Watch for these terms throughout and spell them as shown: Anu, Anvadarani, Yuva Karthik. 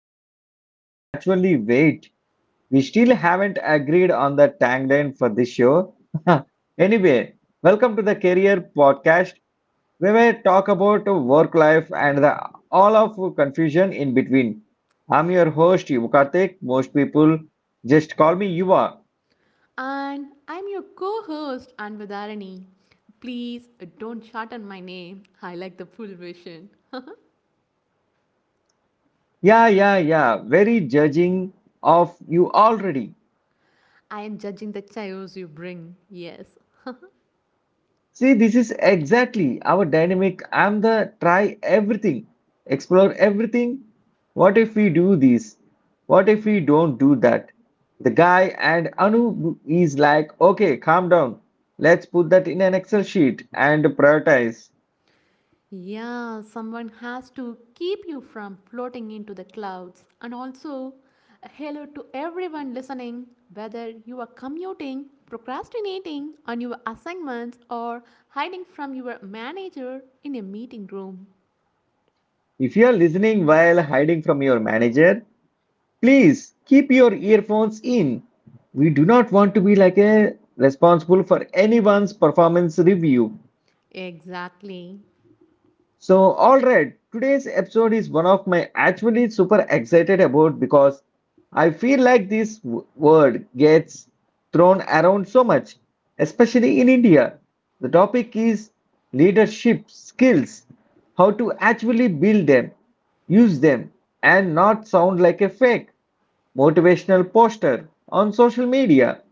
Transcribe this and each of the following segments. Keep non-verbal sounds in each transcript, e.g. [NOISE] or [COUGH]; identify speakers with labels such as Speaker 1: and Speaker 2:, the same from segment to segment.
Speaker 1: another episode of Actually Wait. We still haven't agreed on the tagline for this show. [LAUGHS] Anyway, welcome to the Career Podcast where we talk about work life and the all of confusion in between. I'm your host Yuva Karthik. Most people just call me Yuva.
Speaker 2: And I'm your co host, Anvadarani. Please don't shorten my name. I like the full version.
Speaker 1: Yeah, yeah, yeah. Very judging of you already.
Speaker 2: I am judging the chaos you bring. Yes.
Speaker 1: See, this is exactly our dynamic. I'm the try everything, explore everything. What if we do this? What if we don't do that? The guy and Anu is like, okay, calm down. Let's put that in an Excel sheet and prioritize.
Speaker 2: Yeah, someone has to keep you from floating into the clouds. And also, a hello to everyone listening, whether you are commuting, procrastinating on your assignments, or hiding from your manager in a meeting room.
Speaker 1: If you are listening while hiding from your manager, please keep your earphones in. We do not want to be like a responsible for anyone's performance review.
Speaker 2: Exactly.
Speaker 1: So, all right, today's episode is one of my actually super excited about because I feel like this word gets thrown around so much, especially in India. The topic is leadership skills, how to actually build them, use them, and not sound like a fake motivational poster on social media.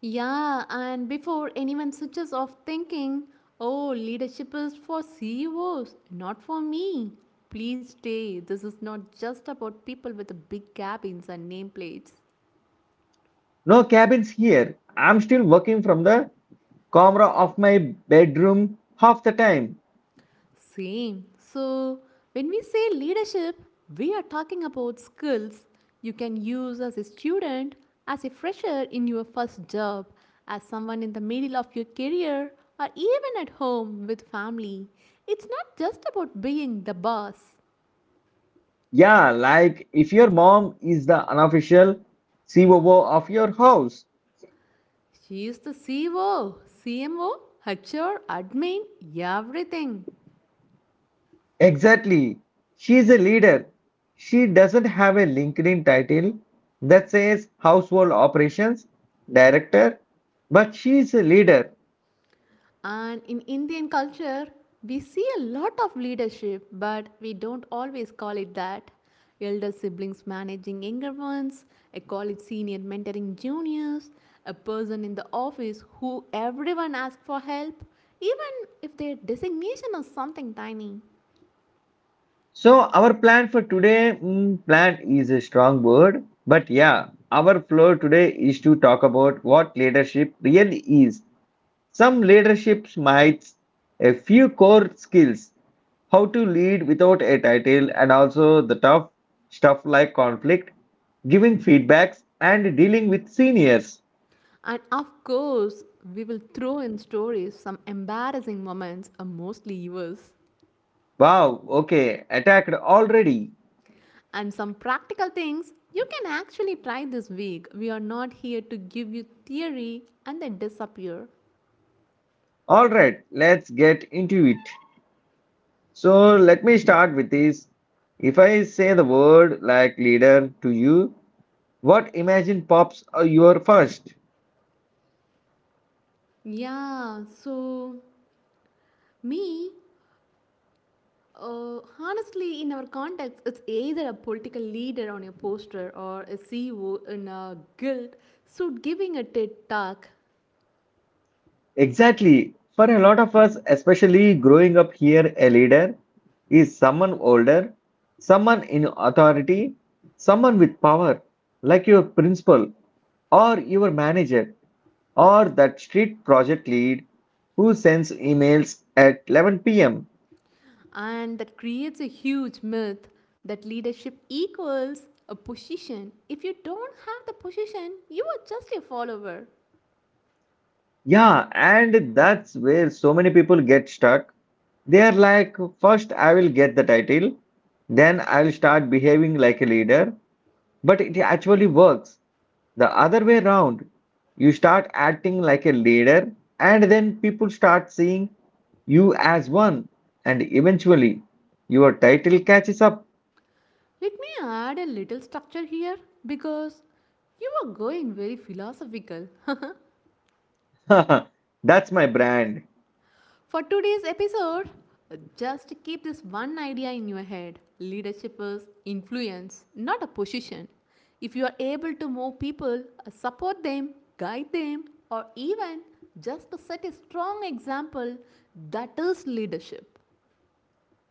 Speaker 2: Yeah, and before anyone switches off thinking, oh, leadership is for CEOs, not for me. Please stay. This is not just about people with big cabins and nameplates.
Speaker 1: No cabins here. I'm still working from the camera of my bedroom half the time.
Speaker 2: Same. So, when we say leadership, we are talking about skills you can use as a student, as a fresher in your first job, as someone in the middle of your career, or even at home with family. It's not just about being the boss.
Speaker 1: Yeah, like if your mom is the unofficial COO of your house.
Speaker 2: She is the CO, CMO, HR, admin, everything.
Speaker 1: Exactly. She is a leader. She doesn't have a LinkedIn title that says Household Operations Director, but she is a leader.
Speaker 2: And in Indian culture, we see a lot of leadership, but we don't always call it that. Elder siblings managing younger ones, a college senior mentoring juniors, a person in the office who everyone asks for help, even if their designation is something tiny.
Speaker 1: So, our plan for today, plan is a strong word, but yeah, our flow today is to talk about what leadership really is. Some leaderships might a few core skills: how to lead without a title and also the tough stuff like conflict, giving feedbacks and dealing with seniors.
Speaker 2: And of course, we will throw in stories, some embarrassing moments are mostly yours.
Speaker 1: Wow, okay, attacked already.
Speaker 2: And some practical things you can actually try this week. We are not here to give you theory and then disappear.
Speaker 1: All right, let's get into it. So let me start with this. If I say the word like leader to you, what imagine pops your first?
Speaker 2: Yeah, so me, honestly, in our context, it's either a political leader on your poster or a CEO in a guild suit giving a TED talk.
Speaker 1: Exactly. For a lot of us, especially growing up here, a leader is someone older, someone in authority, someone with power, like your principal or your manager or that street project lead who sends emails at 11 p.m.
Speaker 2: And that creates a huge myth that leadership equals a position. If you don't have the position, you are just a follower.
Speaker 1: Yeah, and that's where so many people get stuck. They are like, first I will get the title, then I will start behaving like a leader, but it actually works. The other way around, you start acting like a leader, and then people start seeing you as one, and eventually your title catches up.
Speaker 2: Let me add a little structure here because you are going very philosophical. [LAUGHS]
Speaker 1: [LAUGHS] That's my brand.
Speaker 2: For today's episode, just keep this one idea in your head: leadership is influence, not a position. If you are able to move people, support them, guide them, or even just to set a strong example, that is leadership.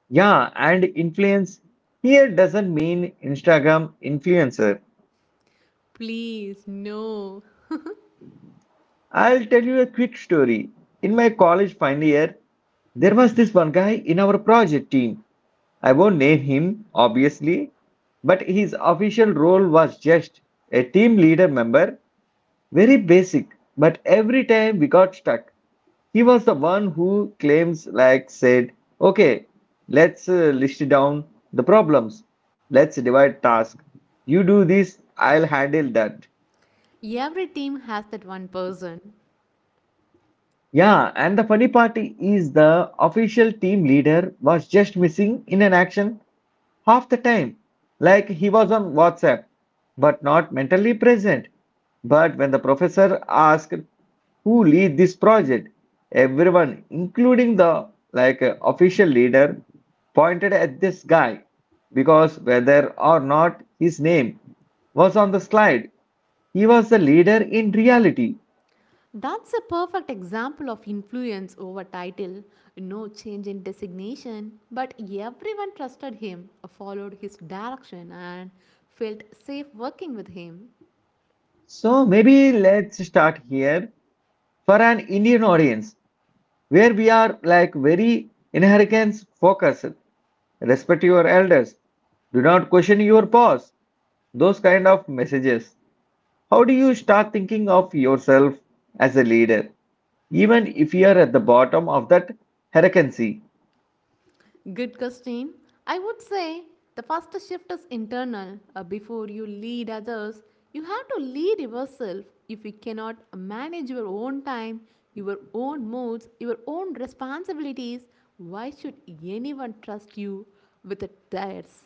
Speaker 1: Yeah, and influence here doesn't mean Instagram influencer.
Speaker 2: Please, no.
Speaker 1: I'll tell you a quick story. In my college final year, there was this one guy in our project team. I won't name him, obviously, but his official role was just a team leader member, very basic, but every time we got stuck, he was the one who claims, like, said, okay, let's list down the problems, let's divide task. You do this, I'll handle that.
Speaker 2: Every team has that one person.
Speaker 1: Yeah, and the funny part is the official team leader was just missing in an action half the time. Like he was on WhatsApp, but not mentally present. But when the professor asked who lead this project, everyone, including the official leader, pointed at this guy because whether or not his name was on the slide, he was the leader in reality.
Speaker 2: That's a perfect example of influence over title. No change in designation, but everyone trusted him, followed his direction, and felt safe working with him.
Speaker 1: So maybe let's start here for an Indian audience where we are like very inheritance focused. Respect your elders. Do not question your boss. Those kind of messages. How do you start thinking of yourself as a leader, even if you are at the bottom of that hierarchy?
Speaker 2: Good question. I would say the first shift is internal. Before you lead others, you have to lead yourself. If you cannot manage your own time, your own moods, your own responsibilities, why should anyone trust you with theirs?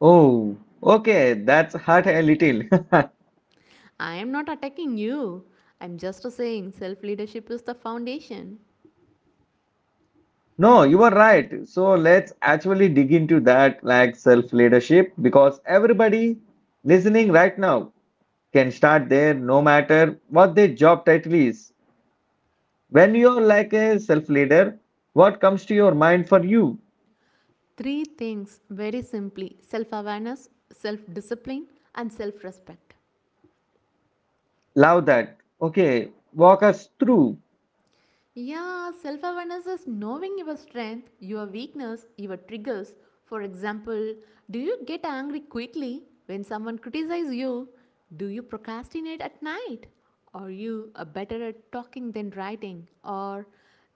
Speaker 1: Oh, okay, that's hurt a little. [LAUGHS]
Speaker 2: I am not attacking you. I'm just saying self leadership is the foundation.
Speaker 1: No, you are right. So let's actually dig into that like self leadership because everybody listening right now can start there no matter what their job title is. When you're like a self leader, what comes to your mind for you?
Speaker 2: Three things, very simply: self awareness, self discipline, and self respect.
Speaker 1: Love that. Okay, walk us through.
Speaker 2: Yeah, self awareness is knowing your strength, your weakness, your triggers. For example, do you get angry quickly when someone criticizes you? Do you procrastinate at night? Are you better at talking than writing? Or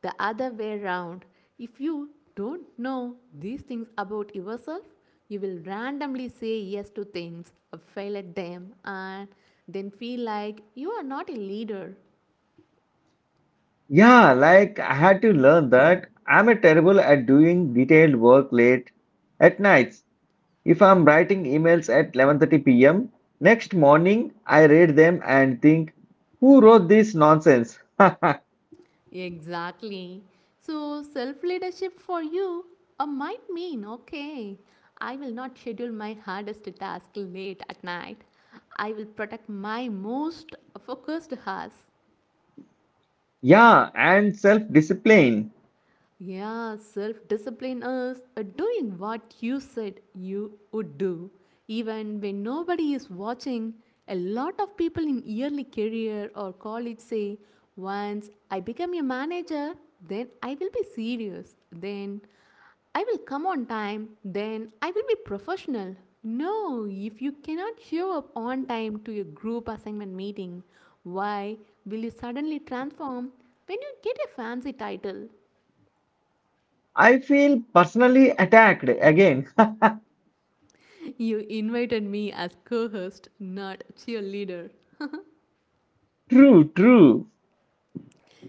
Speaker 2: the other way around? If you don't know these things about yourself, you will randomly say yes to things, or fail at them, and then feel like you are not a leader.
Speaker 1: Yeah, like I had to learn that I'm a terrible at doing detailed work late at nights. If I'm writing emails at 11:30 p.m., next morning I read them and think, who wrote this nonsense?
Speaker 2: Exactly. So, self leadership for you might mean, okay, I will not schedule my hardest task late at night. I will protect my most focused hours.
Speaker 1: [LAUGHS] Yeah, and self-discipline.
Speaker 2: Yeah, self discipline is doing what you said you would do. Even when nobody is watching, a lot of people in early career or college say, once I become a manager, then I will be serious. Then I will come on time. Then I will be professional. No, if you cannot show up on time to a group assignment meeting, why will you suddenly transform when you get a fancy title?
Speaker 1: I feel personally attacked again. [LAUGHS]
Speaker 2: You invited me as co host, not cheerleader.
Speaker 1: True, true.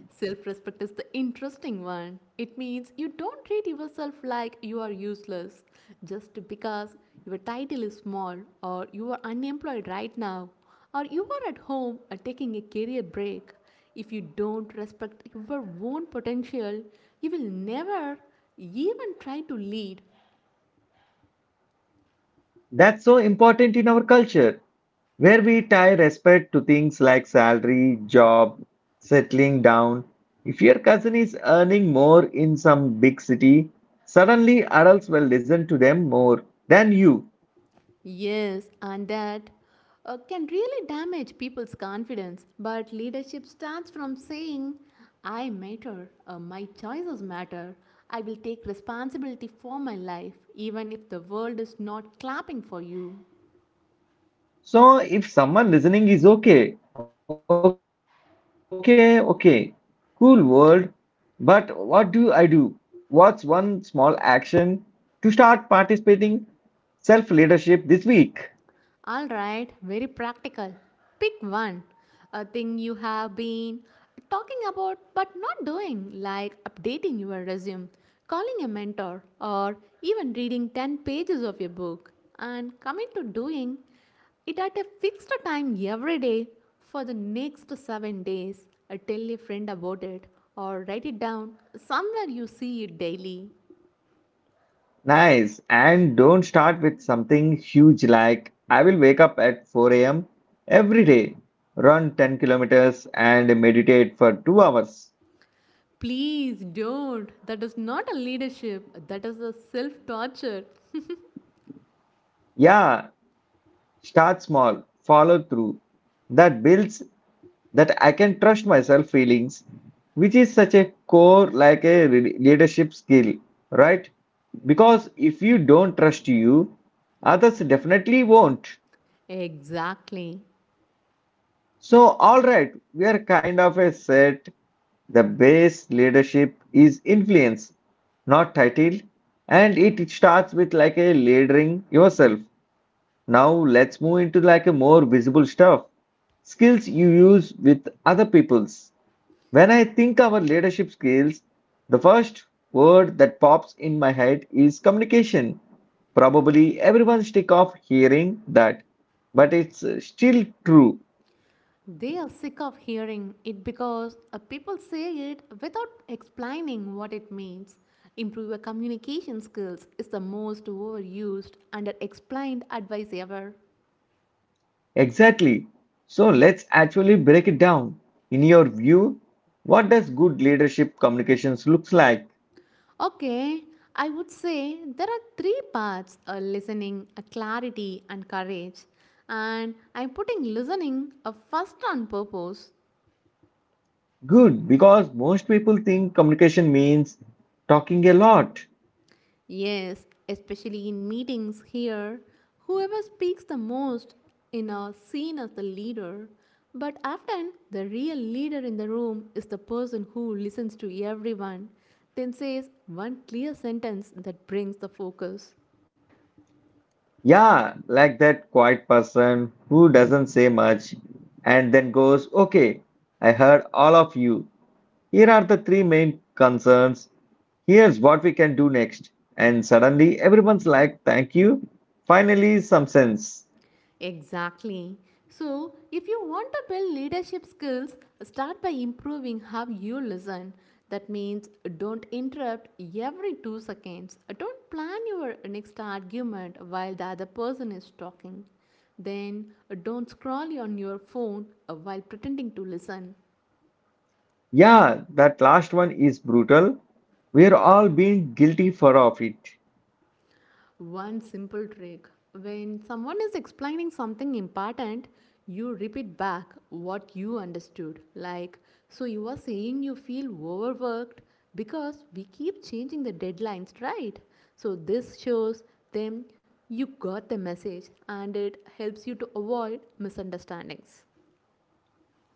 Speaker 2: Self respect is the interesting one. It means you don't treat yourself like you are useless just because your title is small, or you are unemployed right now, or you are at home or taking a career break. If you don't respect your own potential, you will never even try to lead.
Speaker 1: That's so important in our culture, where we tie respect to things like salary, job, settling down. If your cousin is earning more in some big city, suddenly adults will listen to them more than you.
Speaker 2: Yes, and that can really damage people's confidence. But leadership starts from saying, I matter, my choices matter, I will take responsibility for my life, even if the world is not clapping for you.
Speaker 1: So if someone listening is okay, okay, okay, cool world, but what do I do? What's one small action to start participating self leadership this week?
Speaker 2: All right, very practical. Pick one. A thing you have been talking about but not doing, like updating your resume, calling a mentor, or even reading 10 pages of your book, and commit to doing it at a fixed time every day for the next 7 days. Tell a friend about it or write it down somewhere you see it daily.
Speaker 1: Nice. And don't start with something huge like I will wake up at 4 a.m. every day, run 10 kilometers, and meditate for 2 hours.
Speaker 2: Please don't. That is not a leadership, that is a self torture.
Speaker 1: Yeah, start small, follow through. That builds that I can trust myself feelings, which is such a core like leadership skill, right? Because if you don't trust you, others definitely won't.
Speaker 2: Exactly.
Speaker 1: So, all right, we are kind of a set. The base leadership is influence, not title, and it starts with like a leading yourself. Now let's move into like a more visible stuff. Skills you use with other people's. When I think our leadership skills, the first word that pops in my head is communication. Probably everyone's sick of hearing that, but it's still true.
Speaker 2: They are sick of hearing it because people say it without explaining what it means. Improve your communication skills is the most overused and explained advice ever.
Speaker 1: Exactly. So let's actually break it down. In your view, what does good leadership communications looks like?
Speaker 2: Okay, I would say there are three parts: listening, clarity, and courage. And I'm putting listening first on purpose.
Speaker 1: Good, because most people think communication means talking a lot.
Speaker 2: Yes, especially in meetings here, whoever speaks the most in a seen as the leader, but often the real leader in the room is the person who listens to everyone, then says one clear sentence that brings the focus.
Speaker 1: Yeah, like that quiet person who doesn't say much and then goes, okay, I heard all of you. Here are the three main concerns. Here's what we can do next. And suddenly everyone's like, thank you. Finally, some sense.
Speaker 2: Exactly. So, if you want to build leadership skills, start by improving how you listen. That means don't interrupt every 2 seconds. Don't plan your next argument while the other person is talking. Then, don't scroll on your phone while pretending to listen.
Speaker 1: Yeah, that last one is brutal. We're all being guilty for of it.
Speaker 2: One simple trick. When someone is explaining something important, you repeat back what you understood. Like, so you are saying you feel overworked because we keep changing the deadlines, right? So this shows them you got the message and it helps you to avoid misunderstandings.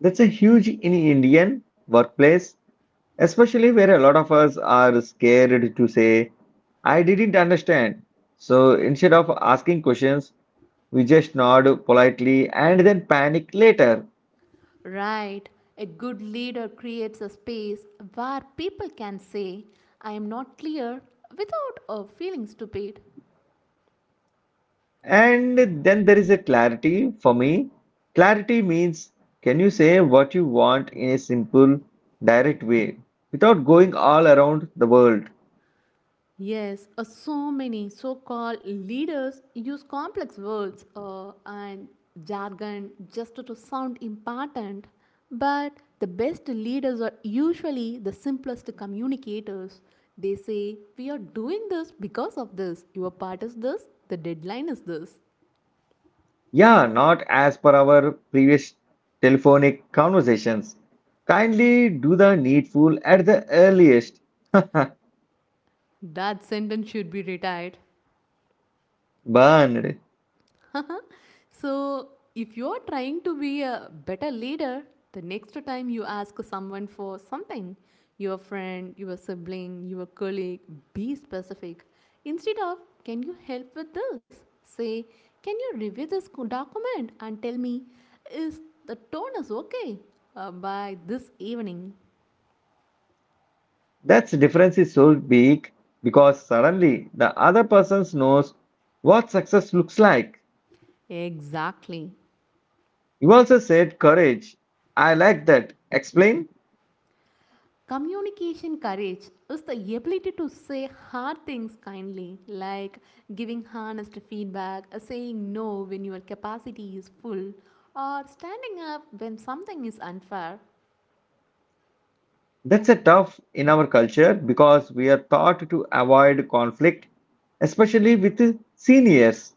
Speaker 1: That's a huge in Indian workplace, especially where a lot of us are scared to say, I didn't understand. So instead of asking questions, we just nod politely and then panic later.
Speaker 2: Right. A good leader creates a space where people can say, I am not clear, without feeling stupid.
Speaker 1: And then there is a clarity for me. Clarity means can you say what you want in a simple, direct way without going all around the world?
Speaker 2: Yes, so many so called leaders use complex words and jargon just to sound important, but the best leaders are usually the simplest communicators. They say, we are doing this because of this, your part is this, the deadline is this.
Speaker 1: Yeah, not as per our previous telephonic conversations. Kindly do the needful at the earliest. [LAUGHS]
Speaker 2: That sentence should be retired.
Speaker 1: Burned.
Speaker 2: [LAUGHS] So, if you are trying to be a better leader, the next time you ask someone for something, your friend, your sibling, your colleague, be specific. Instead of, can you help with this? Say, can you review this document and tell me, is the tone is okay by this evening?
Speaker 1: That difference is so big because suddenly the other person knows what success looks like.
Speaker 2: Exactly.
Speaker 1: You also said courage. I like that. Explain.
Speaker 2: Communication courage is the ability to say hard things kindly, like giving honest feedback, saying no when your capacity is full, or standing up when something is unfair.
Speaker 1: That's a tough in our culture because we are taught to avoid conflict, especially with seniors.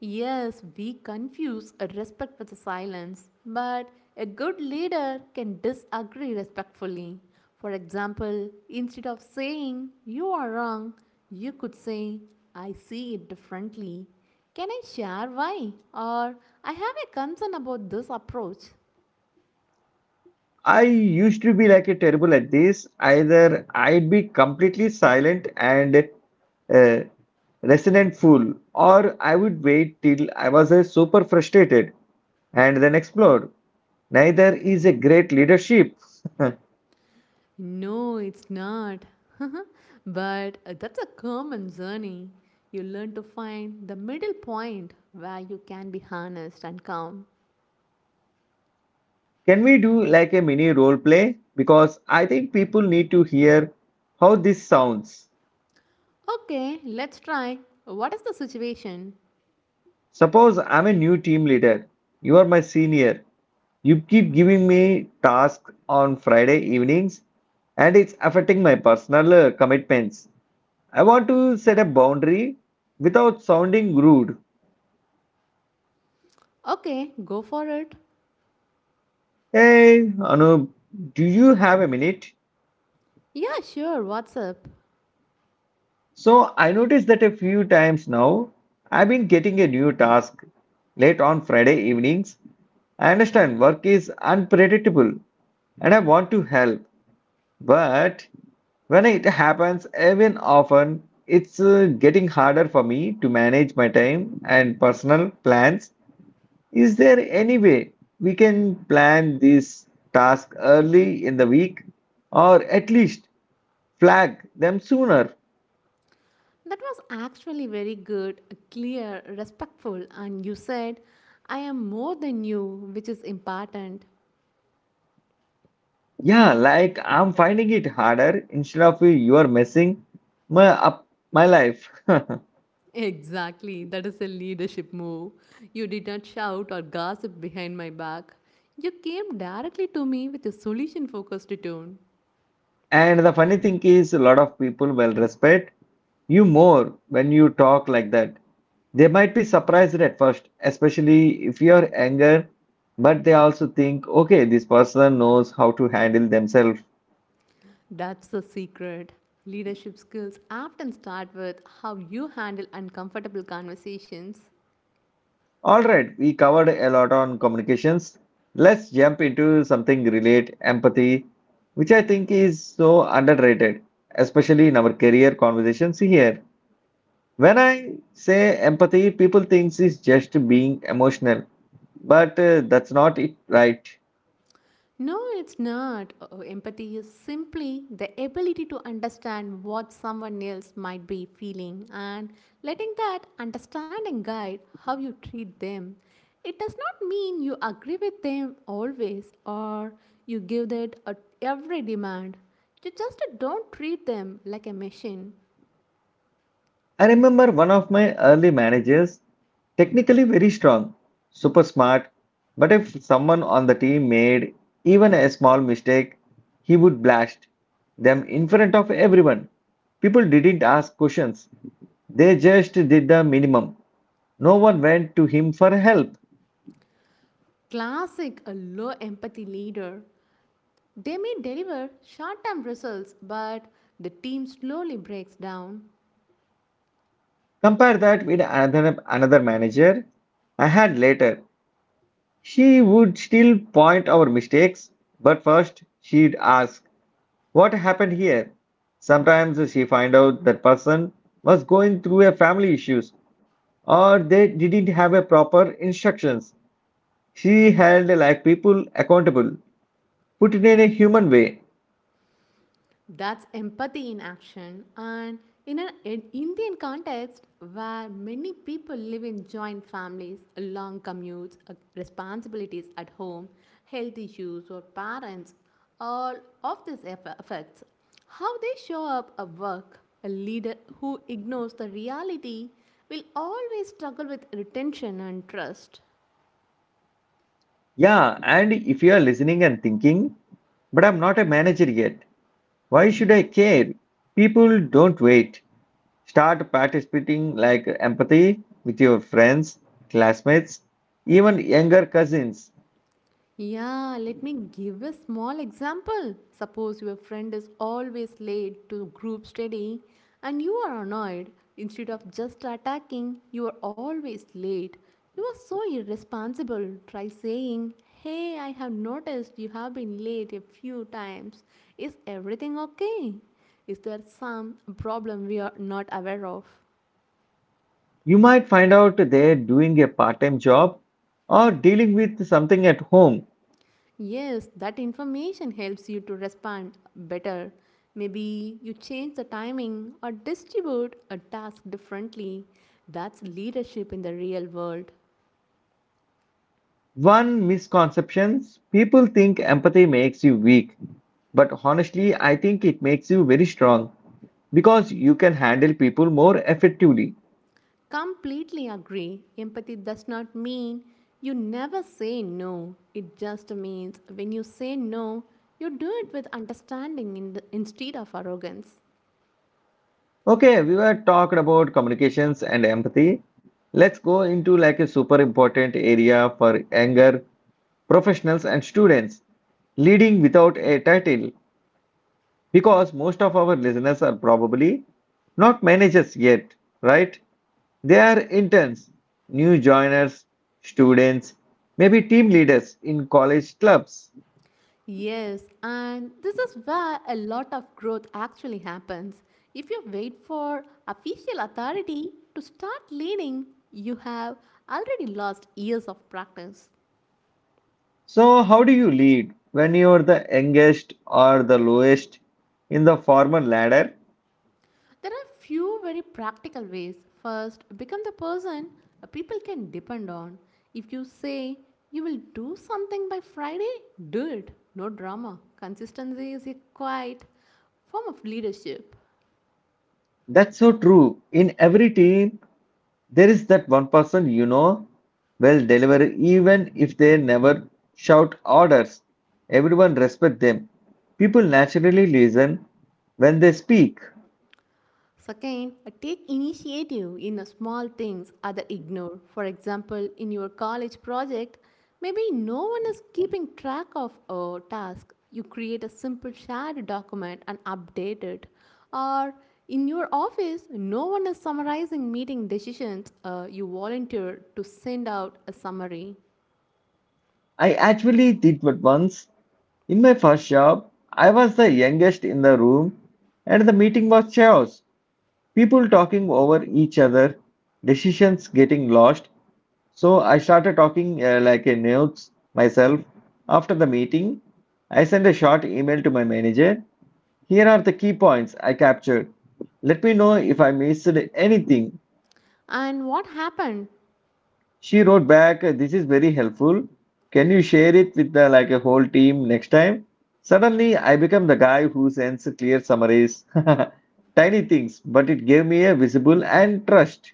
Speaker 2: Yes, we confuse a respect with a silence, but a good leader can disagree respectfully. For example, instead of saying, you are wrong, you could say, I see it differently. Can I share why? Or, I have a concern about this approach.
Speaker 1: I used to be like a terrible at this. Either I'd be completely silent and a resonant fool, or I would wait till I was super frustrated and then explode. Neither is a great leadership. [LAUGHS]
Speaker 2: No, it's not. [LAUGHS] But that's a common journey. You learn to find the middle point where you can be honest and calm.
Speaker 1: Can we do like a mini role play? Because I think people need to hear how this sounds.
Speaker 2: Okay, let's try. What is the situation?
Speaker 1: Suppose I'm a new team leader, you are my senior. You keep giving me tasks on Friday evenings and it's affecting my personal commitments. I want to set a boundary without sounding rude.
Speaker 2: Okay, go for it.
Speaker 1: Hey, Anup, do you have a minute?
Speaker 2: Yeah, sure, what's up?
Speaker 1: So I noticed that a few times now I've been getting a new task late on Friday evenings. I understand work is unpredictable and I want to help. But when it happens, even often, it's getting harder for me to manage my time and personal plans. Is there any way we can plan this task early in the week or at least flag them sooner?
Speaker 2: That was actually very good, clear, respectful, and you said, I am more than you, which is important.
Speaker 1: Yeah, like I'm finding it harder instead of you are messing my up my life. [LAUGHS]
Speaker 2: Exactly, that is a leadership move. You did not shout or gossip behind my back. You came directly to me with a solution focused tone.
Speaker 1: And the funny thing is, a lot of people will respect you more when you talk like that. They might be surprised at first, especially if you're anger, but they also think, okay, this person knows how to handle themselves.
Speaker 2: That's the secret. Leadership skills often start with how you handle uncomfortable conversations.
Speaker 1: All right, we covered a lot on communications. Let's jump into something relate empathy, which I think is so underrated, especially in our career conversations here. When I say empathy, people thinks it's just being emotional, but that's not it, right?
Speaker 2: No, it's not. Oh, empathy is simply the ability to understand what someone else might be feeling and letting that understanding guide how you treat them. It does not mean you agree with them always or you give that at every demand. You just don't treat them like a machine.
Speaker 1: I remember one of my early managers, technically very strong, super smart, but if someone on the team made even a small mistake, he would blast them in front of everyone. People didn't ask questions, they just did the minimum. No one went to him for help.
Speaker 2: Classic a low empathy leader. They may deliver short term results, but the team slowly breaks down.
Speaker 1: Compare that with another manager I had later. She would still point our mistakes, but first she'd ask, what happened here? Sometimes she find out that person was going through a family issues or they didn't have a proper instructions. She held like people accountable. Put it in a human way.
Speaker 2: That's empathy in action. And in an in Indian context where many people live in joint families, long commutes, responsibilities at home, health issues, or parents, all of this affects how they show up at work. A leader who ignores the reality will always struggle with retention and trust.
Speaker 1: Yeah, and if you are listening and thinking, but I'm not a manager yet. Why should I care? People don't wait. Start participating like empathy with your friends, classmates, even younger cousins.
Speaker 2: Yeah, let me give a small example. Suppose your friend is always late to group study and you are annoyed. Instead of just attacking, you are always late. You are so irresponsible. Try saying, hey, I have noticed you have been late a few times. Is everything okay? Is there some problem we are not aware of?
Speaker 1: You might find out they're doing a part time job or dealing with something at home.
Speaker 2: Yes, that information helps you to respond better. Maybe you change the timing or distribute a task differently. That's leadership in the real world.
Speaker 1: One misconception people think empathy makes you weak, but honestly, I think it makes you very strong because you can handle people more effectively.
Speaker 2: Completely agree. Empathy does not mean you never say no. It just means when you say no, you do it with understanding, in the, instead of arrogance.
Speaker 1: Okay, we were talked about communications and empathy. Let's go into like a super important area for anger professionals and students. Leading without a title because most of our listeners are probably not managers yet, right? They are interns, new joiners, students, maybe team leaders in college clubs.
Speaker 2: Yes, and this is where a lot of growth actually happens. If you wait for official authority to start leading, you have already lost years of practice.
Speaker 1: So, how do you lead when you are the youngest or the lowest in the formal ladder?
Speaker 2: There are few very practical ways. First, become the person people can depend on. If you say you will do something by Friday, do it. No drama. Consistency is a quiet form of leadership.
Speaker 1: That's so true. In every team, there is that one person you know will deliver even if they never shout orders. Everyone respect them. People naturally listen when they speak.
Speaker 2: Second, take initiative in small things others ignore. For example, in your college project, maybe no one is keeping track of a task. You create a simple shared document and update it. Or in your office, no one is summarizing meeting decisions. You volunteer to send out a summary.
Speaker 1: I actually did what once. In my first job, I was the youngest in the room and the meeting was chaos. People talking over each other, decisions getting lost. So I started talking like a nerd myself. After the meeting, I sent a short email to my manager. Here are the key points I captured. Let me know if I missed anything.
Speaker 2: And what happened?
Speaker 1: She wrote back, "This is very helpful. Can you share it with the, like a whole team next time?" Suddenly, I become the guy who sends clear summaries. [LAUGHS] Tiny things, but it gave me a visible and trust.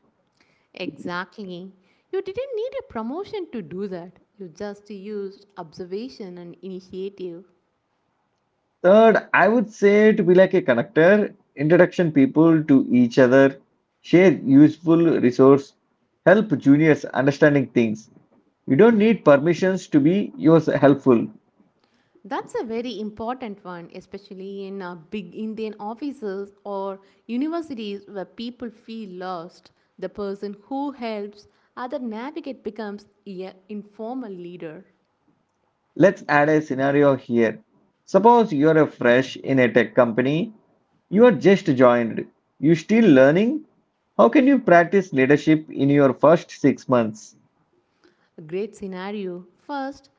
Speaker 2: Exactly. You didn't need a promotion to do that. You just used observation and initiative.
Speaker 1: Third, I would say to be like a connector, introduction people to each other, share useful resource, help juniors understanding things. You don't need permissions to be yours helpful.
Speaker 2: That's a very important one, especially in big Indian offices or universities where people feel lost. The person who helps other navigate becomes an informal leader.
Speaker 1: Let's add a scenario here. Suppose you're a fresh in a tech company, you are just joined, you still learning. How can you practice leadership in your first 6 months?
Speaker 2: A great scenario. First,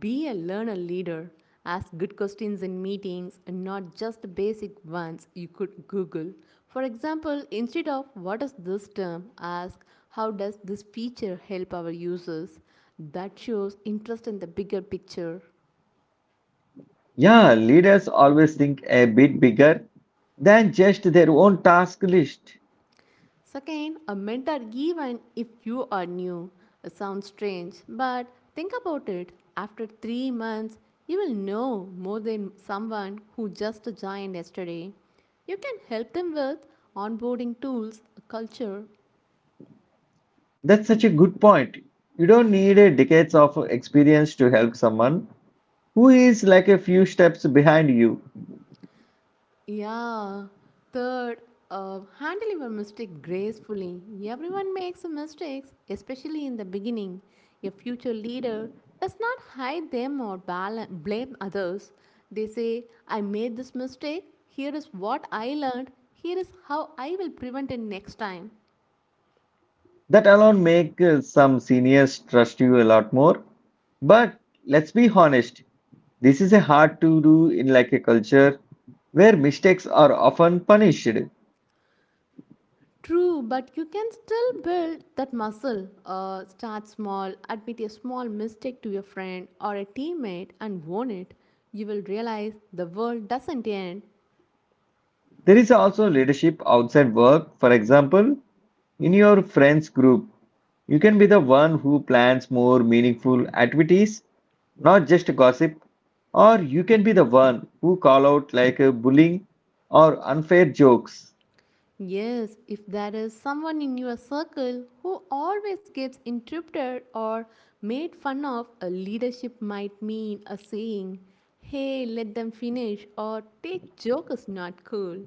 Speaker 2: be a learner leader. Ask good questions in meetings and not just basic ones you could Google. For example, instead of what is this term, ask, how does this feature help our users? That shows interest in the bigger picture.
Speaker 1: Yeah, leaders always think a bit bigger than just their own task list.
Speaker 2: Second, a mentor even if you are new. It sounds strange, but think about it. After 3 months, you will know more than someone who just joined yesterday. You can help them with onboarding tools, culture.
Speaker 1: That's such a good point. You don't need a decades of experience to help someone who is like a few steps behind you.
Speaker 2: Yeah. Third, handle your mistake gracefully. Everyone makes mistakes, especially in the beginning. A future leader does not hide them or blame others. They say, I made this mistake. Here is what I learned. Here is how I will prevent it next time.
Speaker 1: That alone make some seniors trust you a lot more. But let's be honest, this is a hard to do in like a culture where mistakes are often punished.
Speaker 2: True, but you can still build that muscle. Start small, admit a small mistake to your friend or a teammate and own it. You will realize the world doesn't end.
Speaker 1: There is also leadership outside work. For example, in your friends group, you can be the one who plans more meaningful activities, not just gossip, or you can be the one who call out like a bullying or unfair jokes.
Speaker 2: Yes, if there is someone in your circle who always gets interrupted or made fun of, a leadership might mean a saying, hey, let them finish, or take joke is not cool.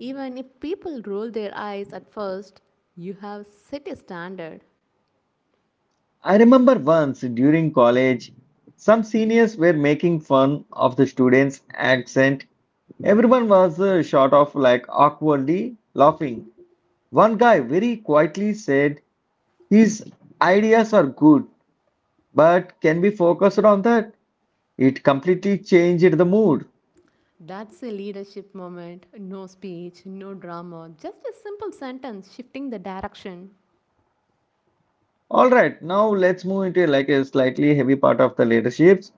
Speaker 2: Even if people roll their eyes at first, you have set a standard.
Speaker 1: I remember once during college, some seniors were making fun of the students' accent. Everyone was sort of like awkwardly laughing. One guy very quietly said, his ideas are good, but can we focused on that? It completely changed the mood.
Speaker 2: That's a leadership moment. No speech, no drama, just a simple sentence shifting the direction.
Speaker 1: All right, now let's move into like a slightly heavy part of the leaderships,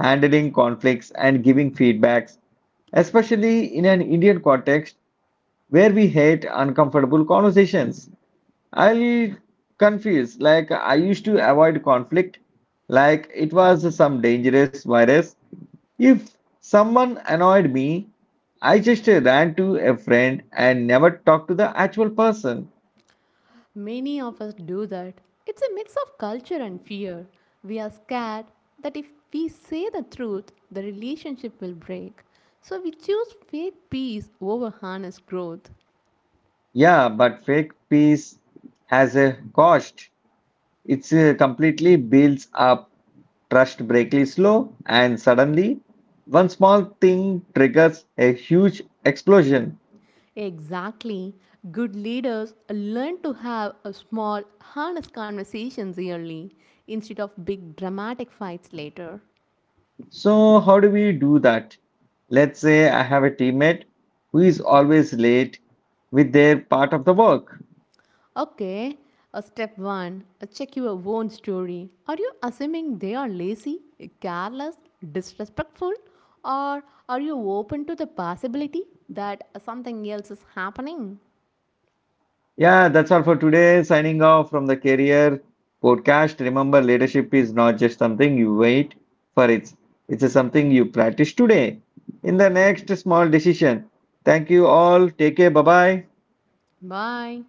Speaker 1: handling conflicts and giving feedbacks, especially in an Indian context, where we hate uncomfortable conversations. I'll confuse, like, I used to avoid conflict, like it was some dangerous virus. If someone annoyed me, I just ran to a friend and never talked to the actual person.
Speaker 2: Many of us do that. It's a mix of culture and fear. We are scared that if we say the truth, the relationship will break. So we choose fake peace over honest growth.
Speaker 1: Yeah, but fake peace has a cost. It's completely builds up. Trust breakly slow, and suddenly, one small thing triggers a huge explosion.
Speaker 2: Exactly. Good leaders learn to have a small, honest conversations early instead of big, dramatic fights later.
Speaker 1: So, how do we do that? Let's say I have a teammate who is always late with their part of the work.
Speaker 2: Okay, step one, check your own story. Are you assuming they are lazy, careless, disrespectful, or are you open to the possibility that something else is happening?
Speaker 1: Yeah, that's all for today. Signing off from the Career Podcast. Remember, leadership is not just something you wait for, it's something you practice today in the next small decision. Thank you all. Take care. Bye bye.
Speaker 2: Bye.